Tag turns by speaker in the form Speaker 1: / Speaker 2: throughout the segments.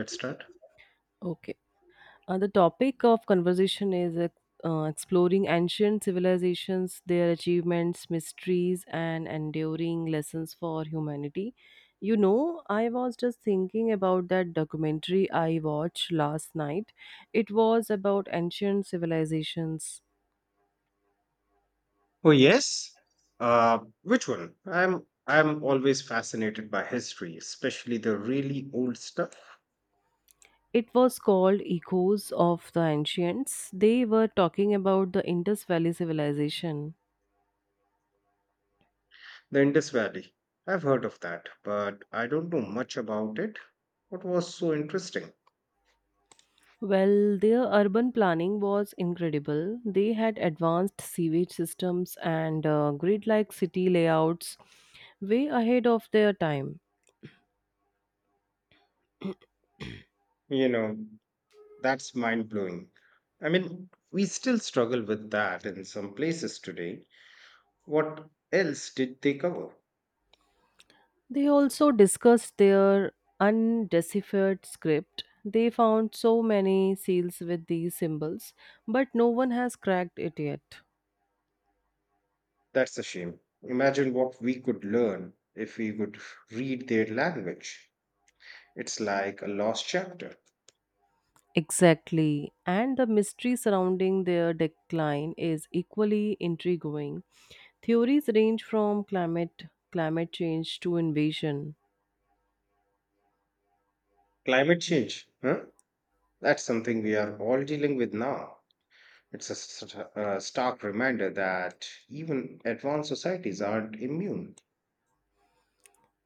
Speaker 1: Let's start.
Speaker 2: Okay. The topic of conversation is exploring ancient civilizations, their achievements, mysteries, and enduring lessons for humanity. I was just thinking about that documentary I watched last night. It was about ancient civilizations.
Speaker 1: Oh, yes. Which one? I'm always fascinated by history, especially the really old stuff.
Speaker 2: It was called Echoes of the Ancients. They were talking about the Indus Valley civilization.
Speaker 1: The Indus Valley. I've heard of that, but I don't know much about it. What was so interesting?
Speaker 2: Well, their urban planning was incredible. They had advanced sewage systems and grid like city layouts way ahead of their time.
Speaker 1: You know, that's mind blowing. I mean, we still struggle with that in some places today. What else did they cover?
Speaker 2: They also discussed their undeciphered script. They found so many seals with these symbols, but no one has cracked it yet.
Speaker 1: That's a shame. Imagine what we could learn if we could read their language. It's like a lost chapter.
Speaker 2: Exactly. And the mystery surrounding their decline is equally intriguing. Theories range from climate change to invasion.
Speaker 1: Climate change, huh? That's something we are all dealing with now. It's a, a stark reminder that even advanced societies aren't immune.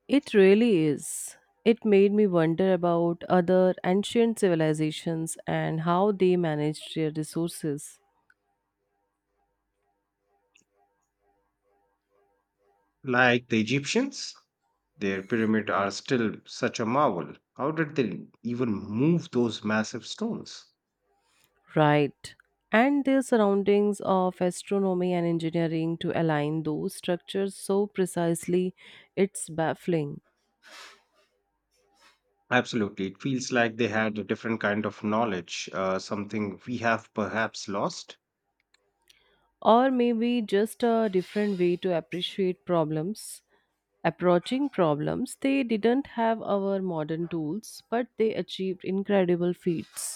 Speaker 2: It really is. It made me wonder about other ancient civilizations and how they managed their resources.
Speaker 1: Like the Egyptians, their pyramids are still such a marvel. How did they even move those massive stones?
Speaker 2: Right. And their surroundings of astronomy and engineering to align those structures so precisely, it's baffling.
Speaker 1: Absolutely. It feels like they had a different kind of knowledge, something we have perhaps lost.
Speaker 2: Or maybe just a different way to appreciate problems approaching problems. They didn't have our modern tools, but they achieved incredible feats.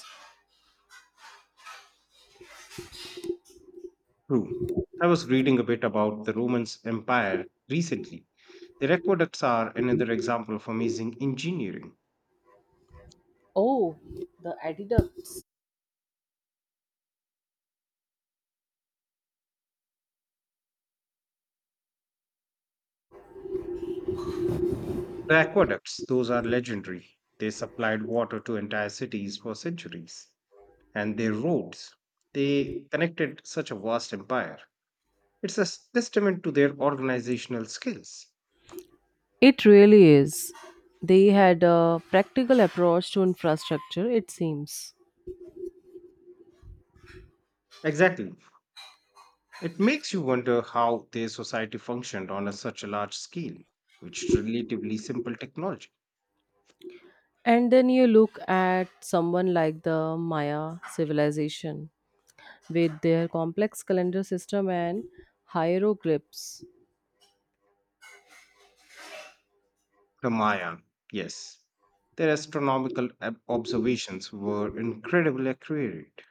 Speaker 1: True. I was reading a bit about the Roman Empire recently. The aqueducts are another example of amazing engineering.
Speaker 2: Oh, the aqueducts.
Speaker 1: The aqueducts, those are legendary. They supplied water to entire cities for centuries. And their roads, they connected such a vast empire. It's a testament to their organizational skills.
Speaker 2: It really is. They had a practical approach to infrastructure, it seems.
Speaker 1: Exactly. It makes you wonder how their society functioned on a such a large scale, with relatively simple technology.
Speaker 2: And then you look at someone like the Maya civilization, with their complex calendar system and hieroglyphs.
Speaker 1: Kamaya, yes. Their astronomical observations were incredibly accurate.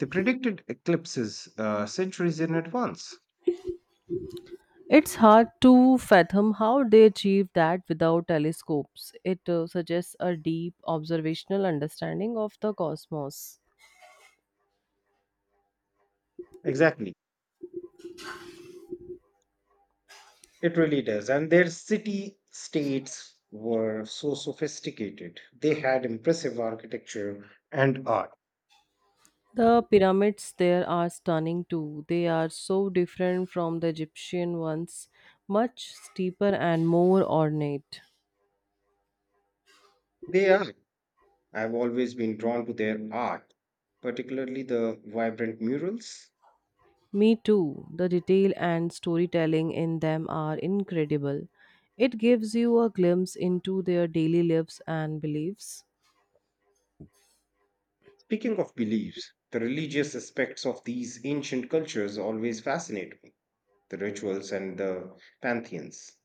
Speaker 1: They predicted eclipses centuries in advance.
Speaker 2: It's hard to fathom how they achieved that without telescopes. It suggests a deep observational understanding of the cosmos.
Speaker 1: Exactly. It really does. And their city states were so sophisticated. They had impressive architecture and art.
Speaker 2: The pyramids there are stunning too. They are so different from the Egyptian ones, much steeper and more ornate.
Speaker 1: They are. I've always been drawn to their art, particularly the vibrant murals.
Speaker 2: Me too. The detail and storytelling in them are incredible. It gives you a glimpse into their daily lives and beliefs.
Speaker 1: Speaking of beliefs, the religious aspects of these ancient cultures always fascinate me, the rituals and the pantheons.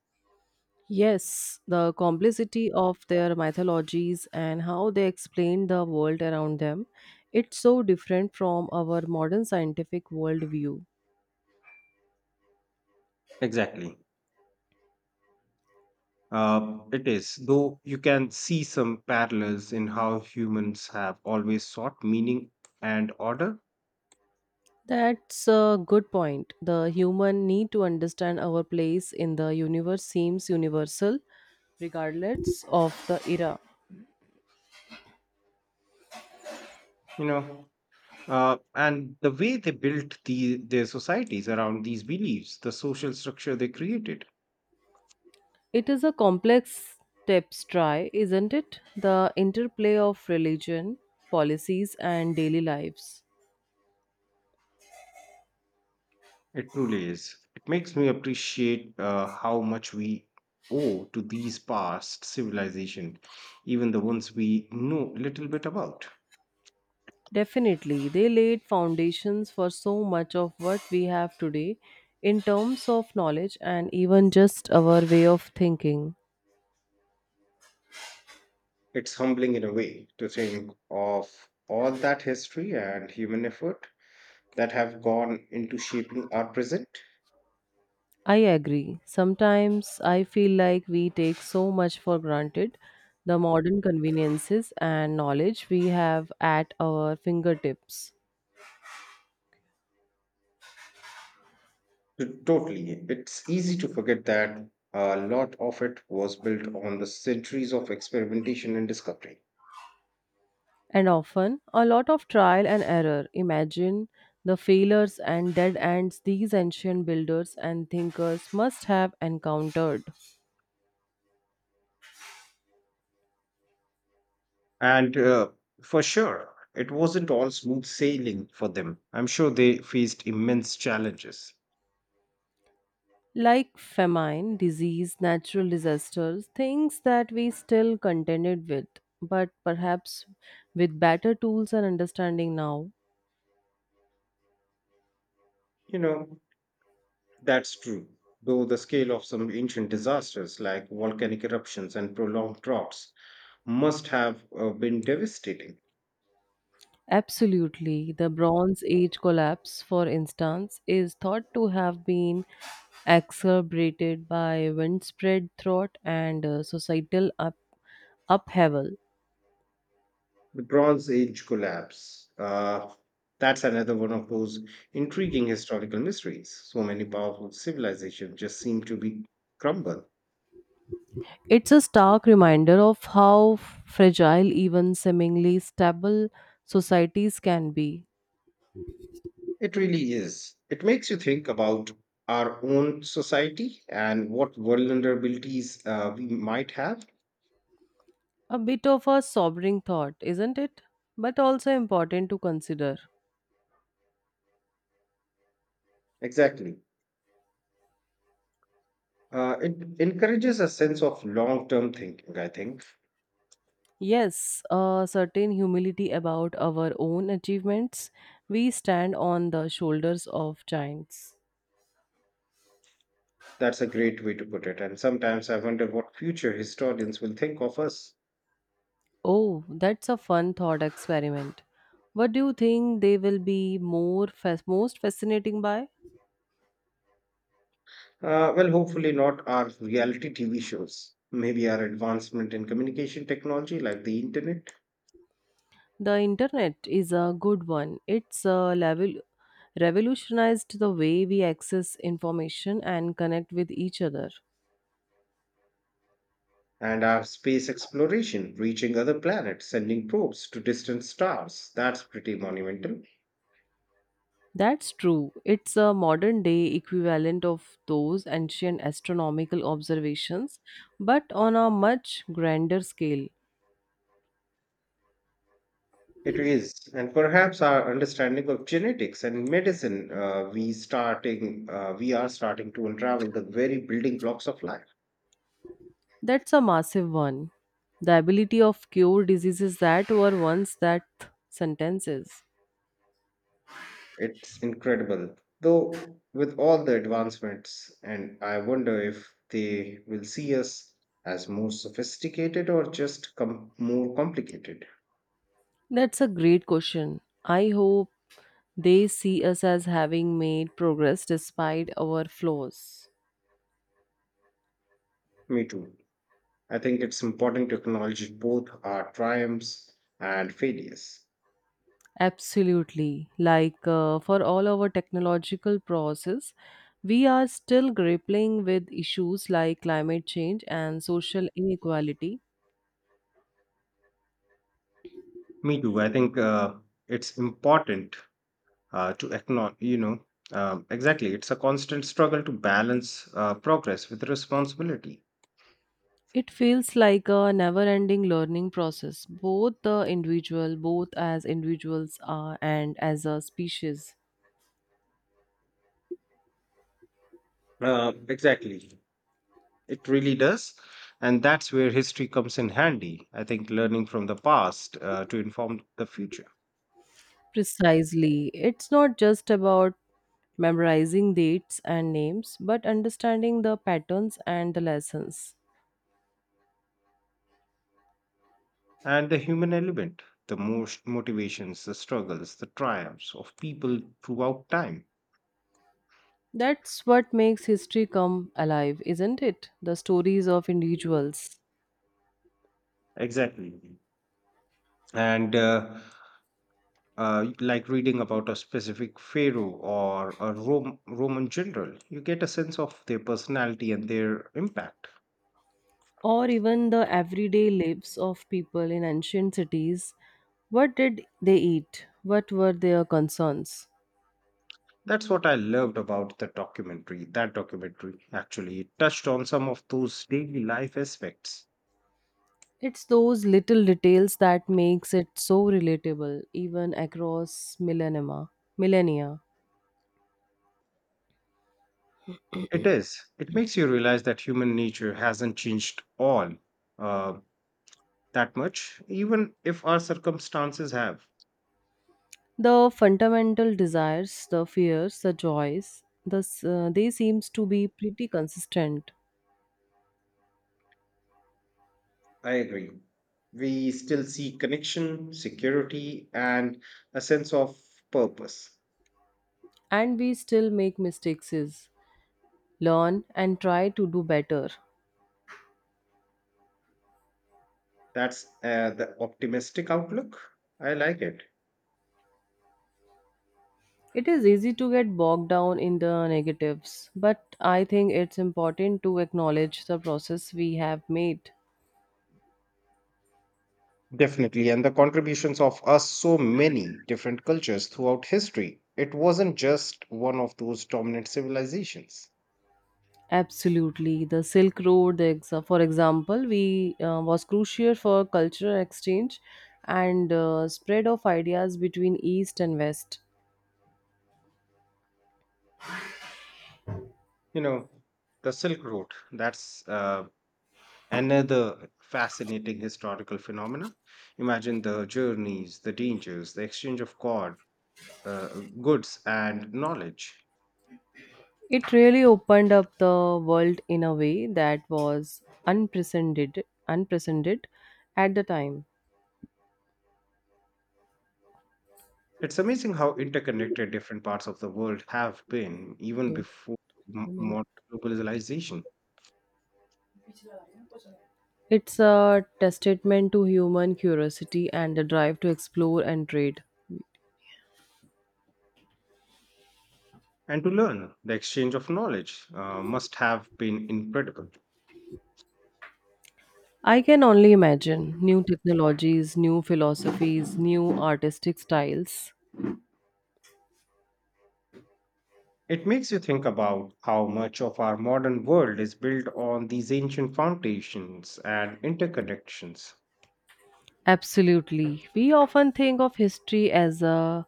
Speaker 2: Yes, the complexity of their mythologies and how they explain the world around them. It's so different from our modern scientific worldview.
Speaker 1: Exactly. It is, though you can see some parallels in how humans have always sought meaning and order,
Speaker 2: That's a good point. The human need to understand our place in the universe seems universal, regardless of the era.
Speaker 1: you know, and the way they built their societies around these beliefs, the social structure they created.
Speaker 2: It is a complex tapestry, isn't it? The interplay of religion, policies, and daily lives.
Speaker 1: It truly is. It makes me appreciate how much we owe to these past civilizations, even the ones we know little bit about.
Speaker 2: Definitely, they laid foundations for so much of what we have today in terms of knowledge and even just our way of thinking.
Speaker 1: It's humbling in a way to think of all that history and human effort that have gone into shaping our present.
Speaker 2: I agree. Sometimes I feel like we take so much for granted, the modern conveniences and knowledge we have at our fingertips.
Speaker 1: Totally. It's easy to forget that a lot of it was built on the centuries of experimentation and discovery.
Speaker 2: And often, a lot of trial and error. Imagine the failures and dead ends these ancient builders and thinkers must have encountered.
Speaker 1: And For sure, it wasn't all smooth sailing for them. I'm sure they faced immense challenges.
Speaker 2: Like famine, disease, natural disasters, things that we still contended with, but perhaps with better tools and understanding now.
Speaker 1: You know, that's true. Though the scale of some ancient disasters like volcanic eruptions and prolonged droughts must have been devastating.
Speaker 2: Absolutely. The Bronze Age collapse, for instance, is thought to have been exacerbated by windspread thought and societal upheaval.
Speaker 1: The Bronze Age collapse, that's another one of those intriguing historical mysteries. So many powerful civilizations just seem to be crumble.
Speaker 2: It's a stark reminder of how fragile even seemingly stable societies can be.
Speaker 1: It really is. It makes you think about our own society and what vulnerabilities we might have.
Speaker 2: A bit of a sobering thought, isn't it? But also important to consider.
Speaker 1: Exactly. It encourages a sense of long term thinking, I think.
Speaker 2: Yes, a certain humility about our own achievements. We stand on the shoulders of giants.
Speaker 1: That's a great way to put it. And sometimes I wonder what future historians will think of us.
Speaker 2: Oh, that's a fun thought experiment. What do you think they will be more most fascinating by?
Speaker 1: Well, hopefully, not our reality TV shows, maybe our advancement in communication technology like the internet.
Speaker 2: The internet is a good one. It's a level revolutionized the way we access information and connect with each other.
Speaker 1: And our space exploration, reaching other planets, sending probes to distant stars, that's pretty monumental.
Speaker 2: That's true. It's a modern day equivalent of those ancient astronomical observations, but on a much grander scale.
Speaker 1: It is. And perhaps our understanding of genetics and medicine, we are starting to unravel the very building blocks of life.
Speaker 2: That's a massive one. The ability of cure diseases that were once that sentences.
Speaker 1: It's incredible. Though with all the advancements, and I wonder if they will see us as more sophisticated or just more complicated.
Speaker 2: That's a great question. I hope they see us as having made progress despite our flaws.
Speaker 1: Me too. I think it's important to acknowledge both our triumphs and failures.
Speaker 2: Absolutely. Like for all our technological process, we are still grappling with issues like climate change and social inequality.
Speaker 1: Me too. I think it's important to acknowledge, you know, exactly. It's a constant struggle to balance progress with responsibility.
Speaker 2: It feels like a never ending learning process, both the individual, both as individuals are, and as a species.
Speaker 1: Exactly. It really does. And that's where history comes in handy. I think learning from the past to inform the future.
Speaker 2: Precisely. It's not just about memorizing dates and names, but understanding the patterns and the lessons.
Speaker 1: And the human element, the most motivations, the struggles, the triumphs of people throughout time.
Speaker 2: That's what makes history come alive, isn't it? The stories of individuals,
Speaker 1: Exactly. And Like reading about a specific pharaoh or a Roman general, you get a sense of their personality and their impact.
Speaker 2: or even the everyday lives of people in ancient cities. What did they eat? What were their concerns?
Speaker 1: That's what I loved about the documentary. That documentary actually it touched on some of those daily life aspects.
Speaker 2: It's those little details that makes it so relatable even across millennia. Millennia.
Speaker 1: It is. It makes you realize that human nature hasn't changed all uh, that much, even if our circumstances have.
Speaker 2: The fundamental desires, the fears, the joys, they seems to be pretty consistent.
Speaker 1: I agree. We still see connection, security, and a sense of purpose.
Speaker 2: And we still make mistakes, learn, and try to do better.
Speaker 1: That's the optimistic outlook. I like it.
Speaker 2: It is easy to get bogged down in the negatives, but I think it's important to acknowledge the process we have made.
Speaker 1: Definitely, and the contributions of us so many different cultures throughout history. It wasn't just one of those dominant civilizations.
Speaker 2: Absolutely, the Silk Road, the for example, we was crucial for cultural exchange and spread of ideas between East and West.
Speaker 1: You know, the Silk Road, that's another fascinating historical phenomena. Imagine the journeys, the dangers, the exchange of uh, goods, and knowledge.
Speaker 2: It really opened up the world in a way that was unprecedented at the time.
Speaker 1: It's amazing how interconnected different parts of the world have been even
Speaker 2: No,
Speaker 1: before
Speaker 2: I mean,
Speaker 1: modern globalization.
Speaker 2: it's a testament to human curiosity and the drive to explore and trade.
Speaker 1: And to learn, the exchange of knowledge must have been incredible.
Speaker 2: I can only imagine new technologies, new philosophies, new artistic styles.
Speaker 1: It makes you think about how much of our modern world is built on these ancient foundations and interconnections.
Speaker 2: Absolutely. We often think of history as a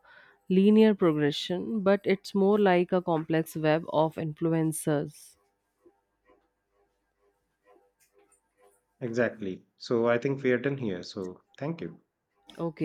Speaker 2: linear progression, but it's more like a complex web of influencers.
Speaker 1: Exactly. So I think we are done here. So thank you.
Speaker 2: Okay.